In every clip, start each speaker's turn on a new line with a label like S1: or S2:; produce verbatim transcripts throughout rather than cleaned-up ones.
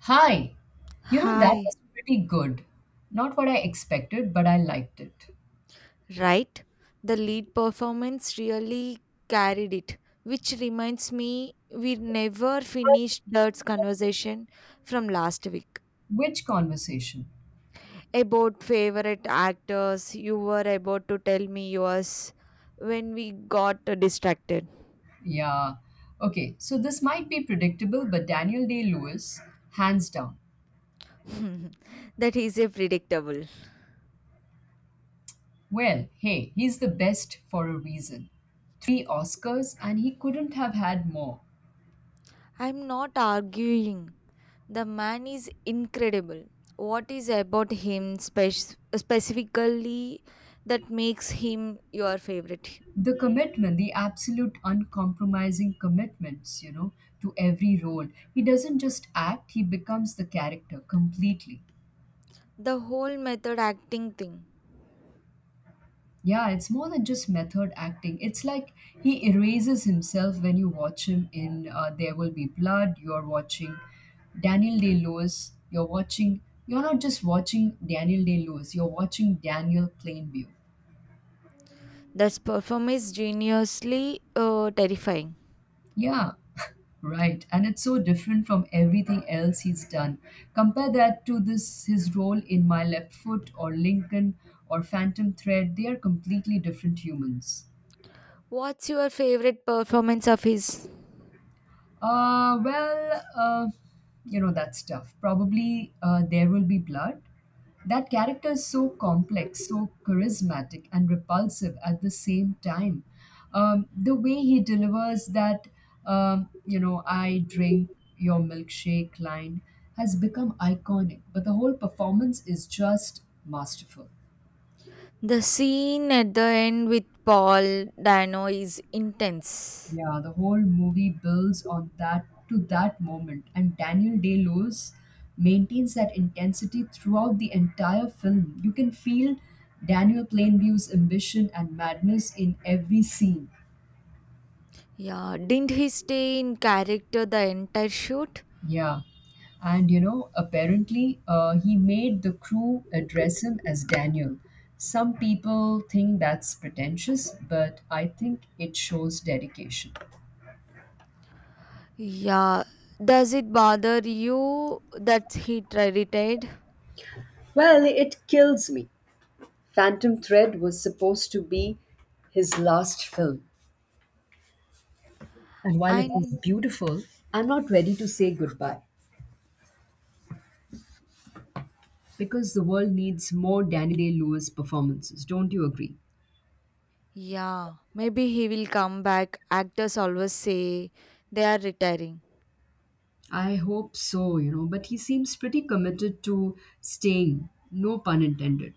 S1: Hi, you know, that
S2: Hi,
S1: was pretty good. Not what I expected, but I liked it.
S2: right? The lead performance really carried it, which reminds me we never finished that conversation from last week
S1: Which conversation?
S2: about favorite actors. You were about to tell me yours when we got distracted.
S1: Yeah. Okay, so this might be predictable, but Daniel Day Lewis, hands down.
S2: That is a predictable.
S1: Well, hey, he's the best for a reason. Three Oscars, and he couldn't have had more.
S2: I'm not arguing. The man is incredible. What is about him spec- specifically that makes him your favorite?
S1: The commitment, the absolute uncompromising commitments, you know, to every role. He doesn't just act, he becomes the character completely.
S2: The whole method acting thing.
S1: Yeah, it's more than just method acting. It's like he erases himself when you watch him in uh, There Will Be Blood. You're watching Daniel Day Lewis. You're watching, you're not just watching Daniel Day Lewis, you're watching Daniel Plainview.
S2: That performance is geniusly uh, terrifying.
S1: Yeah, right. And it's so different from everything else he's done. Compare that to this his role in My Left Foot or Lincoln or Phantom Thread. They are completely different humans.
S2: What's your favorite performance of his?
S1: Uh, well, uh, you know, that's tough. Probably uh, There Will Be Blood. That character is so complex, so charismatic, and repulsive at the same time. Um, the way he delivers that, um, you know, I drink your milkshake line has become iconic, but the whole performance is just masterful.
S2: The scene at the end with Paul Dano is intense.
S1: Yeah, the whole movie builds on that to that moment, and Daniel Day Lewis maintains that intensity throughout the entire film. You can feel Daniel Plainview's ambition and madness in every scene.
S2: Yeah, didn't he stay in character the entire shoot?
S1: Yeah, and you know, apparently, uh, he made the crew address him as Daniel. Some people think that's pretentious, but I think it shows dedication.
S2: Yeah. Does it bother you that he tri- retired?
S1: Well, it kills me. Phantom Thread was supposed to be his last film. And while it was
S2: And
S1: beautiful, I'm not ready to say goodbye because the world needs more Danny Day Lewis performances. Don't you agree?
S2: yeah, maybe he will come back. Actors always say they are retiring.
S1: I hope so, you know, but he seems pretty committed to staying, no pun intended.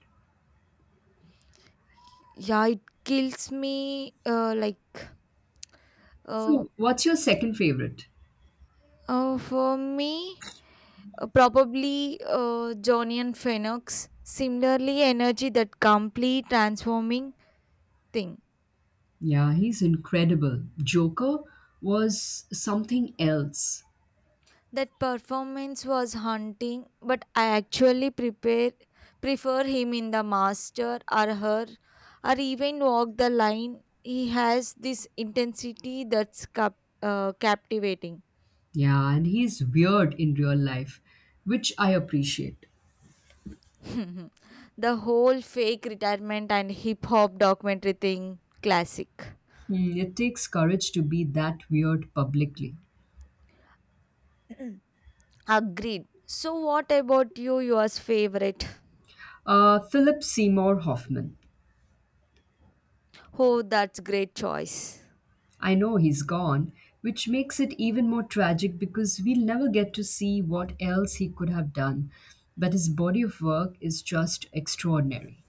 S2: Yeah, it kills me. Uh, like, uh,
S1: So, what's your second favorite?
S2: uh, for me, uh, probably uh, Johnny and Phoenix. Similarly, energy that complete transforming thing.
S1: Yeah, he's incredible. Joker was something else.
S2: That performance was haunting, but I actually prepare prefer him in The Master or Her or even Walk the Line. He has this intensity that's cap- uh, captivating.
S1: Yeah, and he's weird in real life, which I appreciate.
S2: The whole fake retirement and hip hop documentary thing, classic.
S1: Hmm, it takes courage to be that weird publicly.
S2: Agreed. So, what about you? Yours favorite?
S1: Uh, Philip Seymour Hoffman.
S2: Oh, that's great choice.
S1: I know he's gone, which makes it even more tragic because we'll never get to see what else he could have done. But his body of work is just extraordinary.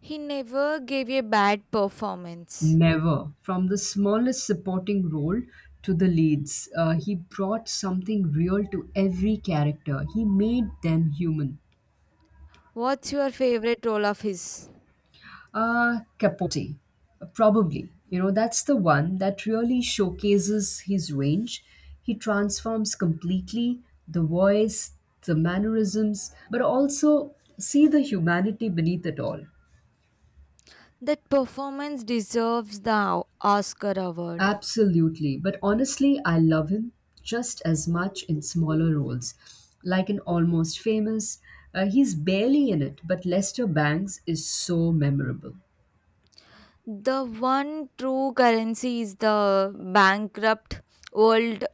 S2: He never gave a bad performance.
S1: Never. From the smallest supporting role to the leads, uh, he brought something real to every character. He made them human.
S2: What's your favorite role of his?
S1: Uh, Capote, probably. You know, that's the one that really showcases his range. He transforms completely the voice, the mannerisms, but also see the humanity beneath it all.
S2: That performance deserves the Oscar award.
S1: Absolutely. But honestly, I love him just as much in smaller roles. Like in Almost Famous, uh, he's barely in it, but Lester Bangs is so memorable.
S2: The one true currency is the bankrupt world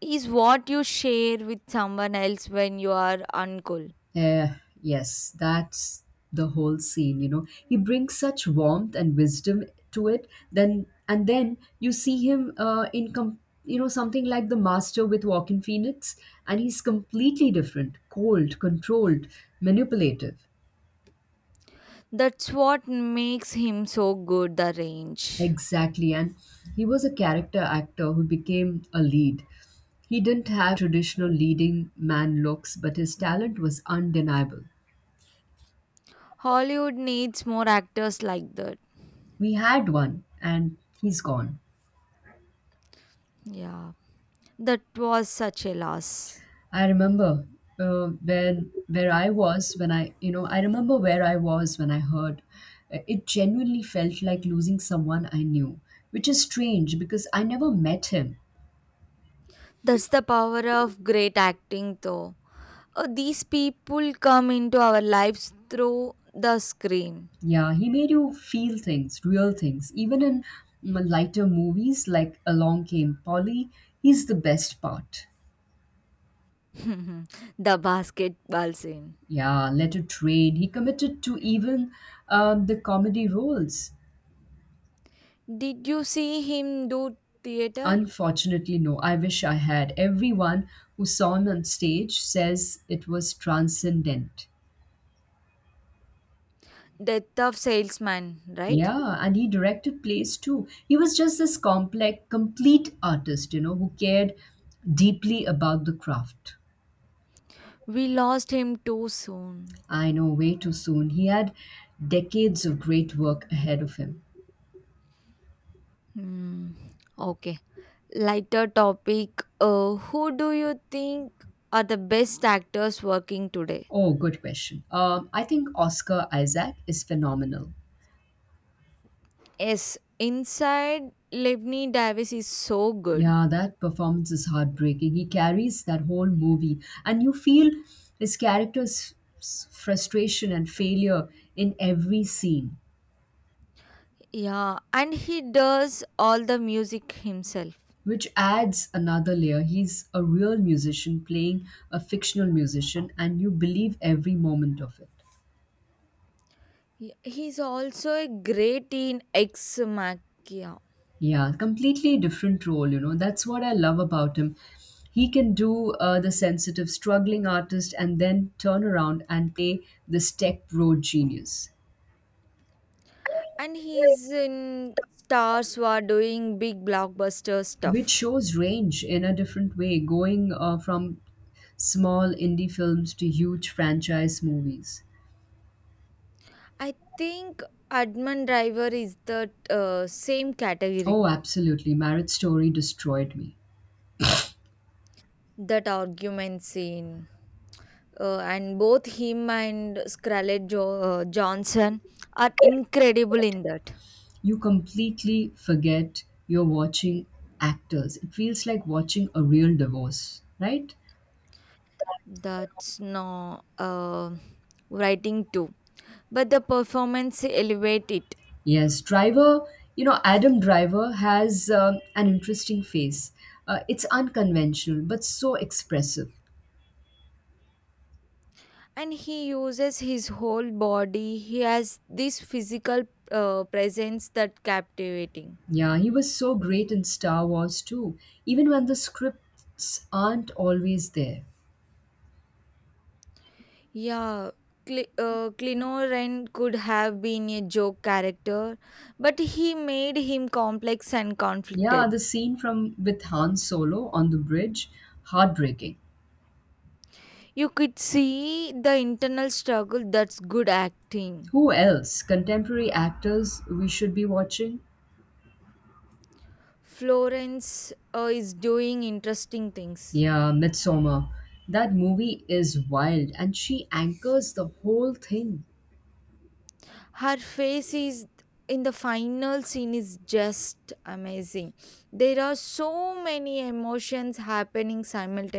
S2: is what you share with someone else when you are uncool.
S1: Uh, yes, that's the whole scene, you know. He brings such warmth and wisdom to it. Then and then you see him uh, in com- you know something like the master with Walking Phoenix, and he's completely different, cold, controlled, manipulative.
S2: That's what makes him so good the range.
S1: Exactly, and he was a character actor who became a lead. He didn't have traditional leading man looks, but his talent was undeniable.
S2: Hollywood needs more actors like that.
S1: We had one, and he's gone.
S2: Yeah. That was such a loss.
S1: I remember uh, where where I was when I you know I remember where I was when I heard. Uh, It genuinely felt like losing someone I knew, which is strange because I never met him.
S2: That's the power of great acting though. Uh, these people come into our lives through the screen.
S1: Yeah, he made you feel things, real things. Even in mm, lighter movies like Along Came Polly, he's the best part.
S2: The basketball scene.
S1: Yeah, Let It Rain. He committed to even um, the comedy roles.
S2: Did you see him do theater?
S1: Unfortunately, no. I wish I had. Everyone who saw him on stage says it was transcendent.
S2: Death of salesman, right?
S1: Yeah, and he directed plays too. He was just this complex, complete artist, you know, who cared deeply about the craft.
S2: We lost him too soon.
S1: I know, way too soon. He had decades of great work ahead of him.
S2: Hmm. Okay. Lighter topic. Uh, who do you think are the best actors working today?
S1: Oh, good question. Um, I think Oscar Isaac is phenomenal.
S2: Yes, inside Lebni Davis is so good.
S1: Yeah, that performance is heartbreaking. He carries that whole movie, and you feel his character's s- frustration and failure in every scene,
S2: Yeah, and he does all the music himself.
S1: which adds another layer. He's a real musician playing a fictional musician, and you believe every moment of it.
S2: He- He's also a great in Ex Machina,
S1: Yeah, completely different role, you know. That's what I love about him. He can do uh, the sensitive, struggling artist and then turn around and play this tech bro genius.
S2: and he's in stars who are doing big blockbuster
S1: Which
S2: stuff.
S1: shows range in a different way, going uh, from small indie films to huge franchise movies.
S2: I think Adman Driver is the uh, same category.
S1: Oh, absolutely. Marriage Story destroyed me.
S2: That argument scene, uh, and both him and Scarlett jo- uh, Johnson are incredible in that.
S1: You completely forget you're watching actors. It feels like watching a real divorce, right?
S2: That's no uh, writing too, but the performance elevate it.
S1: Yes, Driver, you know, Adam Driver has um, an interesting face. Uh, it's unconventional, but so expressive.
S2: And he uses his whole body, he has this physical uh, presence that captivating.
S1: Yeah, he was so great in Star Wars too, even when the scripts aren't always there.
S2: Yeah, Cl uh, Clinoran could have been a joke character, but he made him complex and
S1: Yeah,
S2: conflicted.
S1: the scene from with Han Solo on the bridge, heartbreaking.
S2: You could see the internal struggle, that's good acting.
S1: Who else? Contemporary actors we should be watching?
S2: Florence uh, is doing interesting things.
S1: Yeah, Midsommar. That movie is wild and she anchors the whole thing.
S2: Her face is in the final scene is just amazing, there are so many emotions happening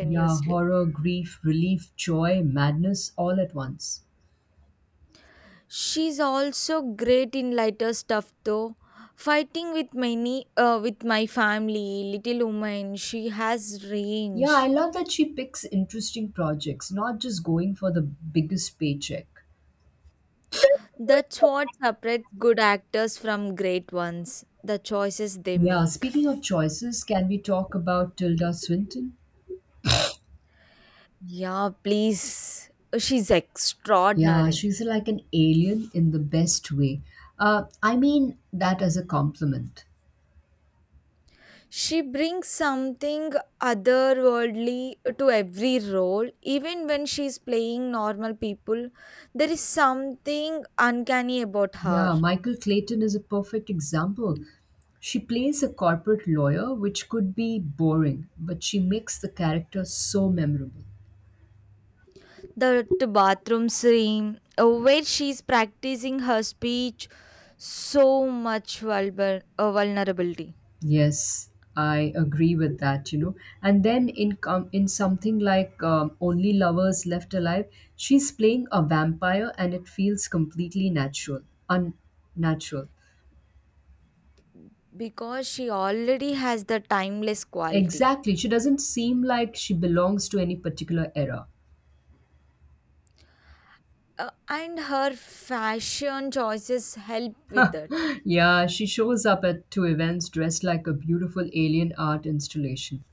S1: Yeah, horror, grief, relief, joy, madness all at once.
S2: She's also great in lighter stuff though, fighting with many uh, with my family, little woman, she has
S1: Yeah, I
S2: range.
S1: love that she picks interesting projects, not just going for the biggest paycheck.
S2: That's what separates good actors from great ones, the choices they
S1: Yeah,
S2: make.
S1: speaking of choices, can we talk about Tilda Swinton?
S2: Yeah, please, she's
S1: Yeah,
S2: extraordinary.
S1: she's like an alien in the best way. Uh, I mean that as a compliment.
S2: She brings something otherworldly to every role. Even when she's playing normal people, there is something uncanny about her.
S1: Yeah, Michael Clayton is a perfect example. She plays a corporate lawyer, which could be boring, but she makes the character so memorable.
S2: That bathroom scene, uh, where she's practicing her speech, so much vulner uh, vulnerability,
S1: Yes, I agree with that, you know. And then in com- in something like um, Only Lovers Left Alive, she's playing a vampire and it feels completely natural, unnatural.
S2: because she already has the timeless quality.
S1: Exactly. She doesn't seem like she belongs to any particular era.
S2: Uh, and her fashion choices help with that,
S1: Yeah, she shows up at to events dressed like a beautiful alien art installation.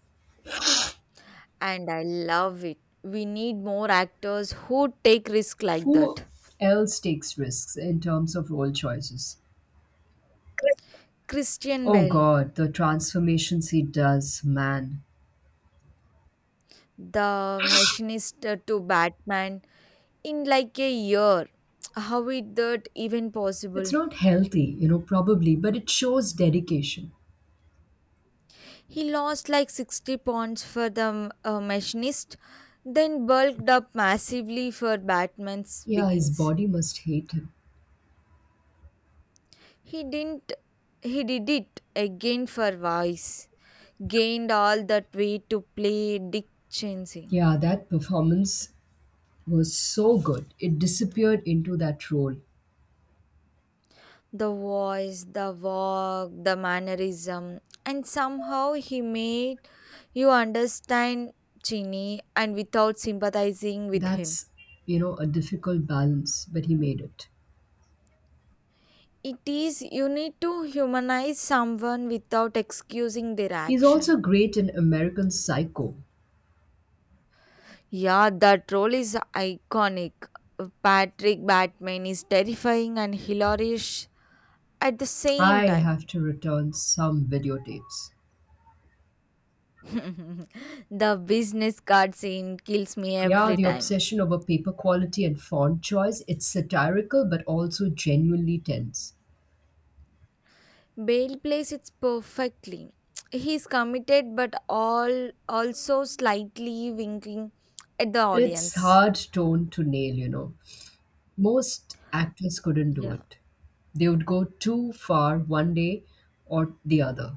S2: and I love it. We need more actors who take risk like
S1: Who
S2: that.
S1: else takes risks in terms of role choices?
S2: Christian
S1: Oh
S2: Bale,
S1: god, the transformations he does, man.
S2: the machinist to Batman, in like a year. How is that even
S1: It's
S2: possible?
S1: not healthy, you know, probably, but it shows dedication.
S2: He lost like sixty pounds for the uh, machinist, then bulked up massively for Batman's
S1: Yeah, his
S2: Begins.
S1: body must hate him.
S2: He didn't. He did it again for Vice. Gained all that weight to play Dick Cheney,
S1: Yeah, that performance was so good. It disappeared into that role.
S2: the voice, the walk, the mannerism, and somehow he made you understand Chini and without sympathizing with him.
S1: That's, you know, a difficult balance, but he made it.
S2: It is, you need to humanize someone without excusing their
S1: He's also
S2: action.
S1: great in American Psycho.
S2: Yeah, that role is iconic. Patrick Batman is terrifying and hilarious at the same
S1: I
S2: time.
S1: have to return some videotapes.
S2: The business card scene kills me
S1: Yeah,
S2: every
S1: the
S2: time.
S1: obsession over paper quality and font choice, it's satirical but also genuinely tense.
S2: Bale plays it perfectly. He's committed but all also slightly winking at the
S1: It's
S2: audience.
S1: hard tone to nail, you know. Most actors couldn't do
S2: Yeah.
S1: it. They would go too far one day or the other.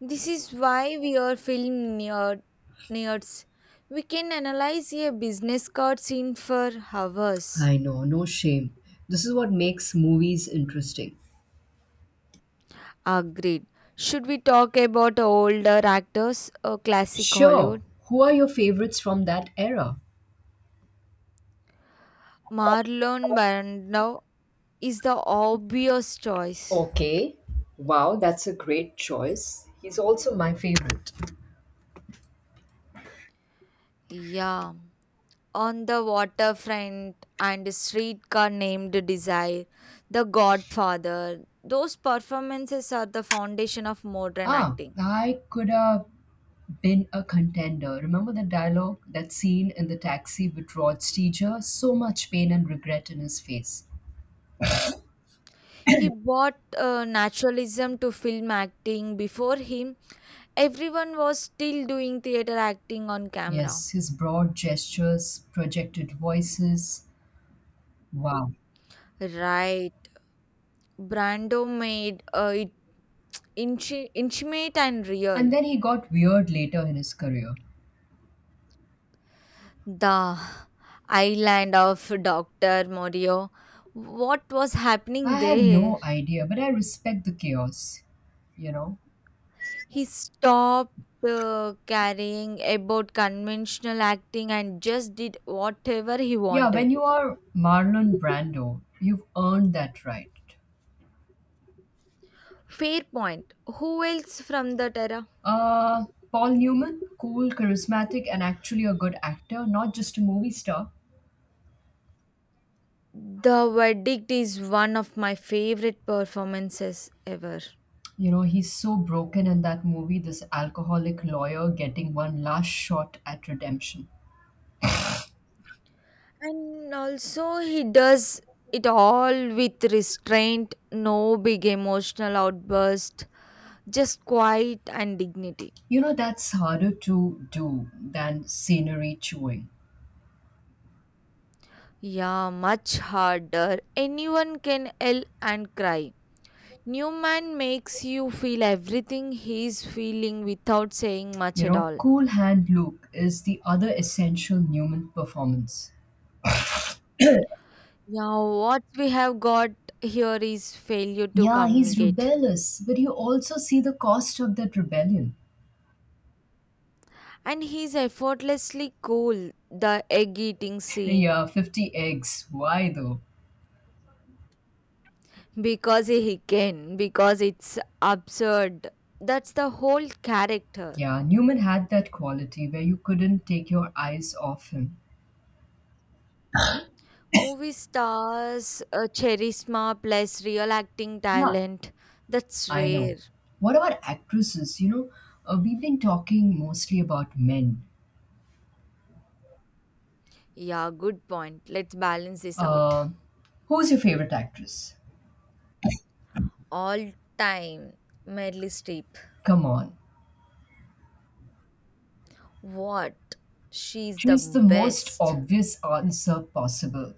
S2: This is why we are film nerd, nerds. We can analyze a business card scene for hours.
S1: I know, no shame. This is what makes movies interesting.
S2: Agreed. Should we talk about older actors or classic
S1: Sure,
S2: Hollywood?
S1: who are your favorites from that era?
S2: Marlon Brando is the obvious choice.
S1: Okay. Wow, that's a great choice. He's also my favorite.
S2: Yeah. On the Waterfront and A Streetcar Named Desire, The Godfather. Those performances are the foundation of modern
S1: Ah,
S2: acting.
S1: I could have been a contender. Remember the dialogue, that scene in the taxi with Rod Steiger? So much pain and regret in his face.
S2: He brought uh, naturalism to film acting. Before him, everyone was still doing theater acting on camera.
S1: Yes, his broad gestures, projected voices. Wow.
S2: Right. Brando made uh, it inchi- intimate and
S1: And
S2: real.
S1: then he got weird later in his career.
S2: The Island of doctor Moreau. What was happening
S1: I have
S2: there?
S1: no idea, but I respect the chaos, you know?
S2: He stopped uh, caring about conventional acting and just did whatever he
S1: Yeah,
S2: wanted.
S1: when you are Marlon Brando, you've earned that right.
S2: Fair point. Who else from that era?
S1: Uh, Paul Newman, cool, charismatic, and actually a good actor, not just a movie star.
S2: The Verdict is one of my favorite performances ever.
S1: You know, he's so broken in that movie, this alcoholic lawyer getting one last shot at redemption.
S2: And also, he does it all with restraint, no big emotional outburst, just quiet and dignity.
S1: You know, that's harder to do than scenery chewing.
S2: Yeah, much harder. Anyone can yell and cry. Newman makes you feel everything he's feeling without saying much
S1: You
S2: at
S1: know,
S2: all.
S1: cool hand Luke is the other essential Newman performance.
S2: Yeah, what we have got here is failure to
S1: Yeah, he's
S2: communicate.
S1: rebellious, but you also see the cost of that rebellion.
S2: And he's effortlessly cool, the egg eating
S1: Yeah,
S2: scene.
S1: fifty eggs. Why though?
S2: Because he can, because it's absurd. That's the whole character.
S1: Yeah, Newman had that quality where you couldn't take your eyes off him.
S2: Movie stars, uh, charisma plus real acting
S1: Yeah,
S2: talent. That's
S1: I know.
S2: rare.
S1: What about actresses? You know, uh, we've been talking mostly about men.
S2: Yeah, good point. Let's balance this out.
S1: Uh, who's your favorite actress?
S2: All time Meryl Streep.
S1: Come on.
S2: What? She's the
S1: She's the most
S2: best.
S1: obvious answer possible.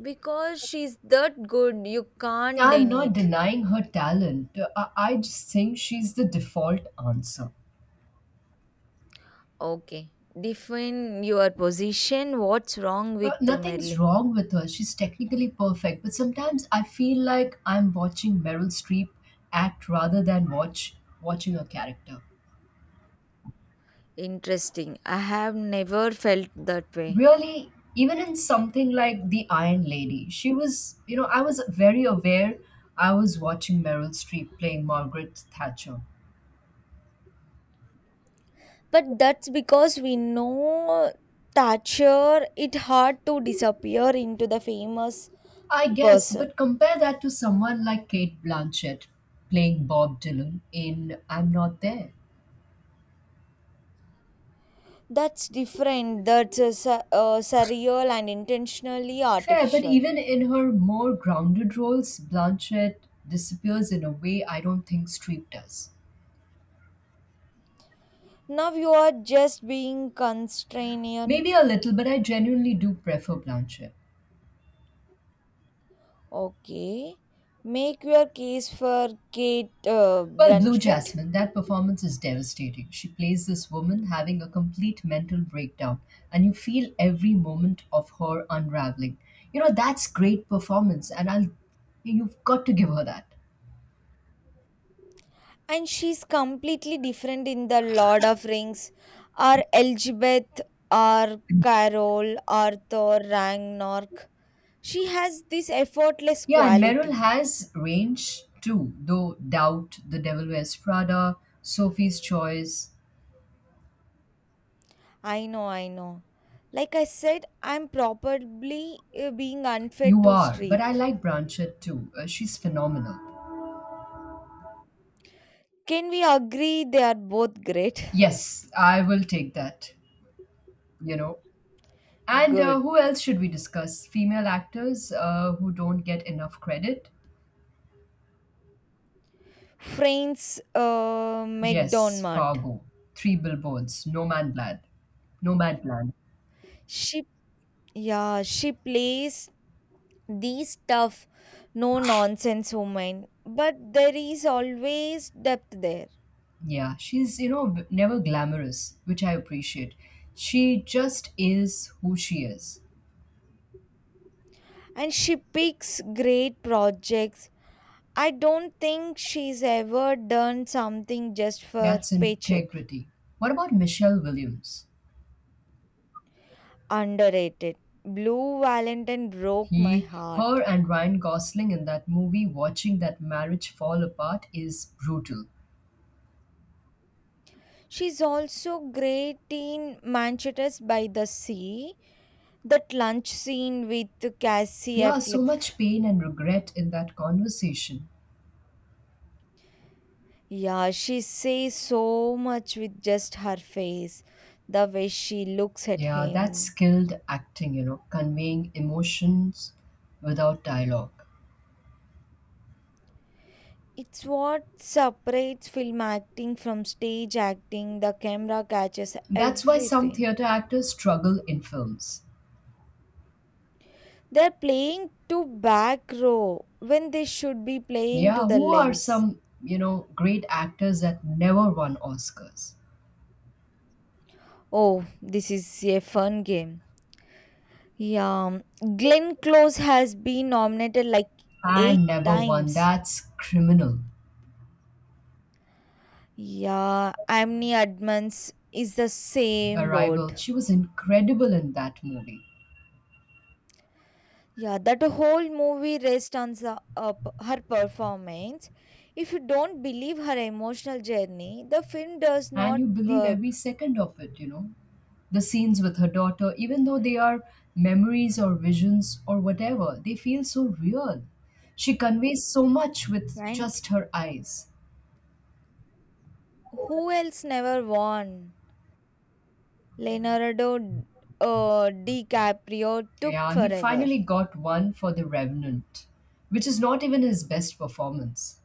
S2: Because she's that good, you can't
S1: I'm
S2: deny
S1: not
S2: it.
S1: denying her talent. I, I just think she's the default answer.
S2: Okay. Define your position. What's wrong
S1: Uh,
S2: with the
S1: nothing's
S2: Merlin?
S1: wrong with her. She's technically perfect, but sometimes I feel like I'm watching Meryl Streep act rather than watch watching her character.
S2: Interesting. I have never felt that way.
S1: Really, even in something like The Iron Lady, she was, you know, I was very aware I was watching Meryl Streep playing Margaret Thatcher.
S2: But that's because we know Thatcher, it hard to disappear into the famous
S1: I guess,
S2: person.
S1: but compare that to someone like Kate Blanchett playing Bob Dylan in I'm Not There.
S2: That's different. That's a, su- uh, surreal and intentionally
S1: Fair, but
S2: artificial.
S1: even in her more grounded roles, Blanchett disappears in a way I don't think Streep does.
S2: Now you are just being constrained.
S1: Maybe a little, but I genuinely do prefer Blanchett.
S2: Okay. Make your case for Kate uh,
S1: Well, Blue
S2: Brunchlet.
S1: Jasmine, that performance is devastating. She plays this woman having a complete mental breakdown, and you feel every moment of her unraveling. You know, that's great performance, and I'll you've got to give her that.
S2: And she's completely different in The Lord of Rings, or Elizabeth, or Carol, Arthur, Ragnarok. She has this effortless
S1: Yeah, and Meryl
S2: quality.
S1: has range too, though Doubt, The Devil Wears Prada, Sophie's Choice.
S2: I know, I know. Like I said, I'm probably uh, being unfair
S1: You
S2: to
S1: are. But
S2: Streep.
S1: I like Blanchett too. Uh, she's phenomenal.
S2: Can we agree they are both great?
S1: Yes, I will take that, you know. And
S2: Good.
S1: uh, who else should we discuss? Female actors uh, who don't get enough credit?
S2: Frames uh,
S1: Yes,
S2: McDonmart.
S1: Fargo, Three Billboards, No Man Land. No Man Land.
S2: She Yeah, she plays these tough, no nonsense women, but there is always depth there.
S1: Yeah, she's, you know, b- never glamorous, which I appreciate. She just is who she is.
S2: And she picks great projects. I don't think she's ever done something just for
S1: That's
S2: paycheck.
S1: integrity. What about Michelle Williams?
S2: Underrated. Blue Valentine broke my
S1: He, her,
S2: heart.
S1: and Ryan Gosling in that movie, watching that marriage fall apart is brutal.
S2: She's also great in Manchester by the Sea. That lunch scene with Cassie
S1: Yeah, so
S2: Affleck.
S1: much pain and regret in that conversation.
S2: Yeah, she says so much with just her face, the way she looks at
S1: Yeah, that's
S2: him.
S1: skilled acting, you know, conveying emotions without dialogue.
S2: It's what separates film acting from stage acting. The camera catches
S1: That's why some
S2: everything.
S1: theater actors struggle in films.
S2: They're playing to back row when they should be playing to
S1: Yeah,
S2: the
S1: who are
S2: lens.
S1: some, you know, great actors that never won Oscars?
S2: Oh, this is a fun game. Yeah, Glenn Close has been nominated like eight
S1: And never won.
S2: times.
S1: That's criminal.
S2: Yeah, Amni Admans is the same boat.
S1: Arrival. She was incredible in that movie.
S2: Yeah, that whole movie rests on the, uh, p- her performance. If you don't believe her emotional journey, the film does
S1: And
S2: not
S1: you believe
S2: work.
S1: every second of it, you know. The scenes with her daughter, even though they are memories or visions or whatever, they feel so real. She conveys so much with
S2: And
S1: just her eyes.
S2: who else never won? Leonardo uh, DiCaprio took
S1: Yeah, he
S2: forever.
S1: finally got one for The Revenant, which is not even his best performance.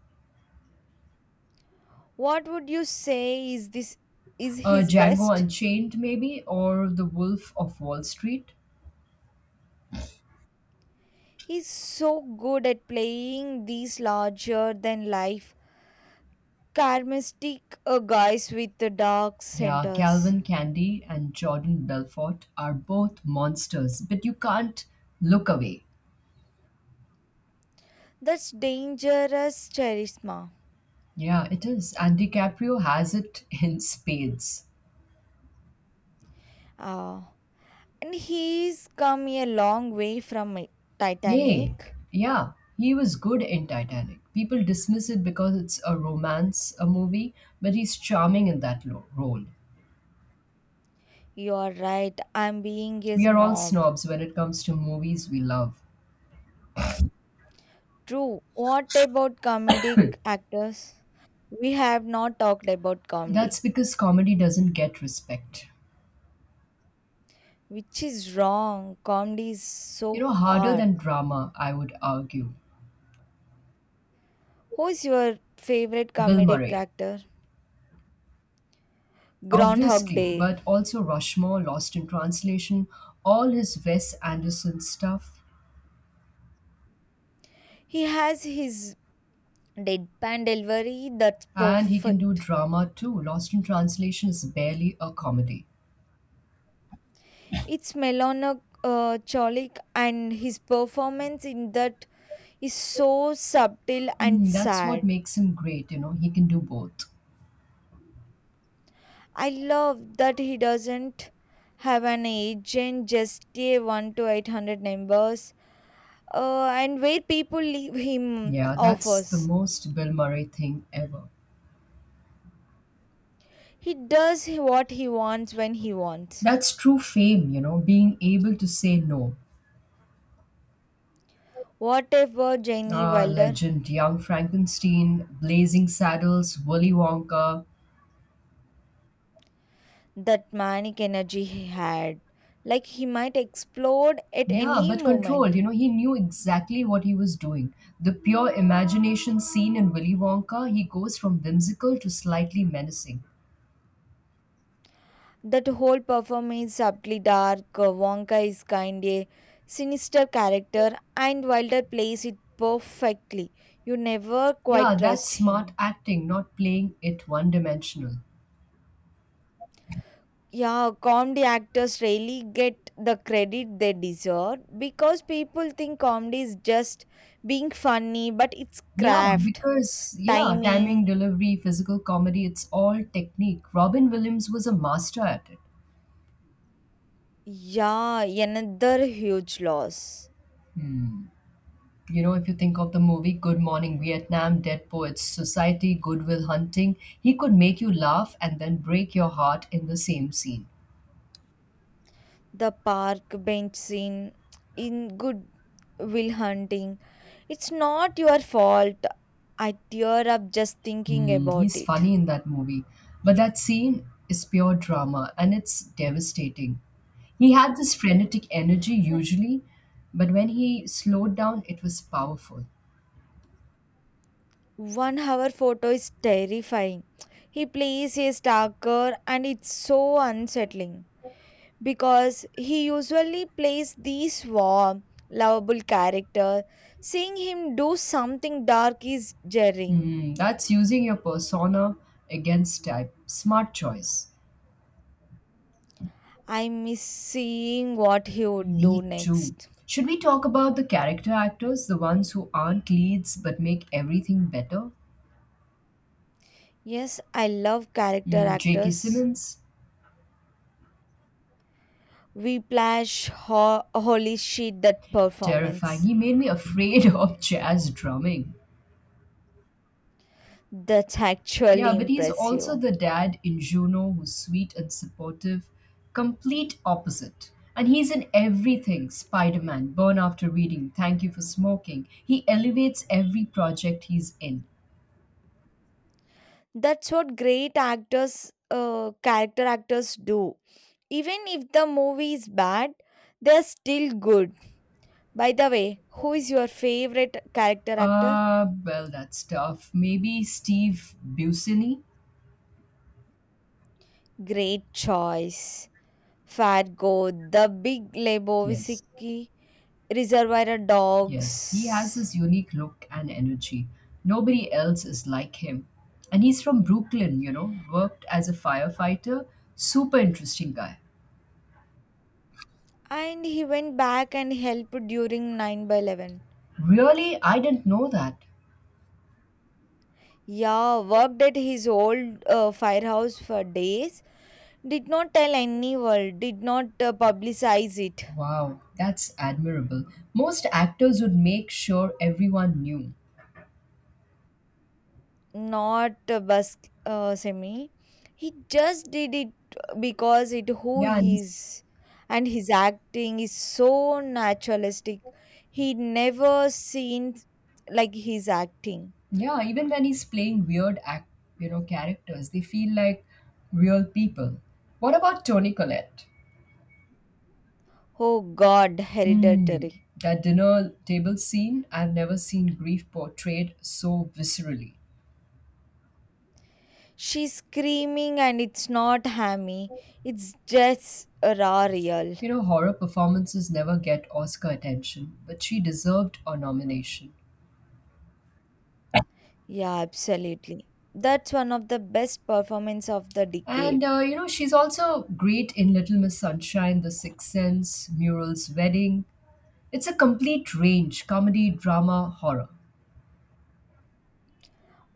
S2: What would you say is this is
S1: Uh,
S2: his
S1: Django
S2: best?
S1: Unchained, maybe, or The Wolf of Wall Street.
S2: He's so good at playing these larger than life charismatic uh, guys with the dark
S1: Yeah,
S2: centers.
S1: Calvin Candy and Jordan Belfort are both monsters, but you can't look away.
S2: That's dangerous charisma.
S1: Yeah, it is. And DiCaprio has it in spades.
S2: Ah, and he's come a long way from it.
S1: Yay.
S2: Titanic.
S1: Yeah, he was good in Titanic. People dismiss it because it's a romance, a movie, but he's charming in that lo- role.
S2: You're right, I'm being a
S1: We are all
S2: snob.
S1: snobs when it comes to movies we love.
S2: True. What about comedic actors? We have not talked about
S1: That's
S2: comedy,
S1: because comedy doesn't get respect.
S2: which is wrong. Comedy is so
S1: You know, harder
S2: hard.
S1: than drama, I would argue.
S2: Who is your favorite
S1: Bill
S2: comedic
S1: Murray.
S2: actor? Groundhog
S1: Obviously,
S2: Day.
S1: but also Rushmore, Lost in Translation, all his Wes Anderson stuff,
S2: He has his deadpan delivery, that's
S1: and he can do
S2: perfect.
S1: drama too. Lost in Translation is barely a comedy.
S2: It's Melano uh, Cholik, and his performance in that is so subtle and
S1: Mm, that's what
S2: sad.
S1: makes him great, you know, he can do both.
S2: I love that he doesn't have an agent, just a one to eight hundred numbers, uh, and where people leave him
S1: Yeah, that's the
S2: offers.
S1: most Bill Murray thing ever.
S2: He does what he wants when he wants.
S1: That's true fame, you know, being able to say no.
S2: Whatever, Jenny
S1: Ah,
S2: Wilder.
S1: legend, Young Frankenstein, Blazing Saddles, Willy Wonka.
S2: That manic energy he had. Like he might explode at
S1: Yeah,
S2: any
S1: but controlled.
S2: moment.
S1: You know, he knew exactly what he was doing. The pure imagination seen in Willy Wonka, he goes from whimsical to slightly menacing.
S2: That whole performance is subtly dark. uh, Wonka is kind a sinister character, and Wilder plays it perfectly. You never quite
S1: Yeah, that's
S2: trust
S1: smart
S2: him.
S1: acting, not playing it one dimensional.
S2: Yeah, comedy actors rarely get the credit they deserve because people think comedy is just being funny, but it's
S1: Yeah,
S2: craft,
S1: because, yeah, timing,
S2: timing.
S1: delivery, physical comedy, it's all technique. Robin Williams was a master at it.
S2: Yeah, another huge loss.
S1: Hmm. You know, if you think of the movie Good Morning Vietnam, Dead Poets Society, Goodwill Hunting, he could make you laugh and then break your heart in the same scene.
S2: The park bench scene in Good Will Hunting, it's not your fault, I tear up just thinking
S1: Mm,
S2: about
S1: he's
S2: it.
S1: funny in that movie. But that scene is pure drama and it's devastating. He had this frenetic energy usually, but when he slowed down, it was powerful.
S2: One hour photo is terrifying, he plays a stalker and it's so unsettling because he usually plays these warm lovable character, seeing him do something dark is jarring.
S1: Mm, that's using your persona against type. Smart choice.
S2: I miss seeing what he would do
S1: Me too.
S2: next.
S1: Should we talk about the character actors, the ones who aren't leads but make everything better?
S2: Yes, I love character
S1: Mm, J K.
S2: actors.
S1: Simmons,
S2: Whiplash, ho- holy shit, that
S1: terrifying.
S2: performance.
S1: He made me afraid of jazz drumming.
S2: That's
S1: Yeah,
S2: actually
S1: but he's also
S2: impressive.
S1: the dad in Juno who's sweet and supportive, complete opposite. And he's in everything Spider Man, Burn After Reading, Thank You for Smoking. He elevates every project he's in.
S2: That's what great actors, uh, character actors do. Even if the movie is bad, they're still good. By the way, who is your favorite character actor?
S1: Uh, well, that's tough. Maybe Steve Buscemi?
S2: Great choice. Fargo, The Big
S1: Yes,
S2: Lebowski, Reservoir
S1: yes. He has
S2: Dogs.
S1: this unique look and energy. Nobody else is like him. And he's from Brooklyn, you know, worked as a firefighter. Super interesting guy.
S2: And he went back and helped during nine by eleven.
S1: Really, I didn't know that.
S2: Yeah, worked at his old uh, firehouse for days. Did not tell anyone, did not uh, publicize it.
S1: Wow, that's admirable. Most actors would make sure everyone knew.
S2: Not uh, Bus uh, Semi. He just did it because it who
S1: Yeah,
S2: he
S1: and
S2: is. And his acting is so naturalistic. He never seen like his acting.
S1: yeah, even when he's playing weird act, you know, characters, they feel like real people. What about Tony Collette?
S2: Oh God,
S1: Mm,
S2: hereditary.
S1: that dinner table scene, I've never seen grief portrayed so viscerally.
S2: She's screaming and it's not hammy. It's just raw real.
S1: You know, horror performances never get Oscar attention, but she deserved a nomination.
S2: Yeah, absolutely. That's one of the best performance of the decade.
S1: And uh, you know, she's also great in Little Miss Sunshine, The Sixth Sense, Muriel's Wedding. It's a complete range comedy, drama, horror.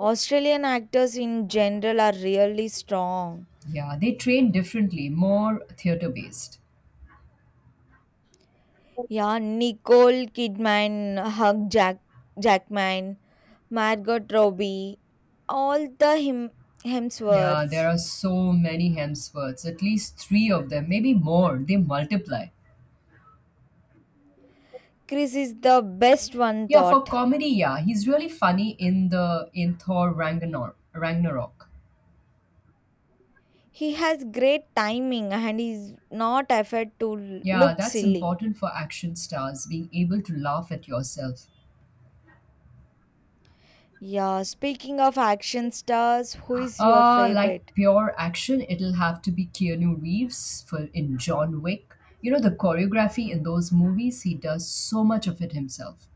S2: Australian actors in general are really strong.
S1: Yeah, they train differently, more theater based.
S2: Yeah, Nicole Kidman, Hugh Jack- Jackman, Margot Robbie, all the him-
S1: Yeah, there
S2: Hemsworths.
S1: are so many Hemsworths, at least three of them, maybe more. They multiply.
S2: Chris is the best one
S1: Yeah, for
S2: thought.
S1: comedy, yeah, he's really funny in the in Thor Ragnar- Ragnarok.
S2: He has great timing and he's not afraid to
S1: Yeah,
S2: look
S1: that's
S2: silly.
S1: important for action stars, being able to laugh at yourself.
S2: Yeah, speaking of action stars, who is your
S1: Uh, like
S2: favorite?
S1: pure action, it'll have to be Keanu Reeves for in John Wick. You know the choreography in those movies, he does so much of it himself.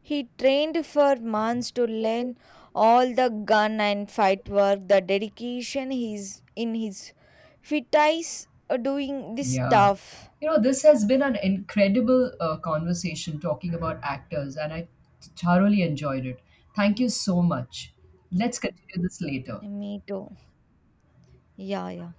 S2: He trained for months to learn all the gun and fight work, the dedication he's in his fit eyes uh, doing this
S1: Yeah.
S2: stuff.
S1: You know, this has been an incredible uh, conversation talking about actors, and I thoroughly enjoyed it. Thank you so much. Let's continue this later.
S2: Me too. Yeah, yeah.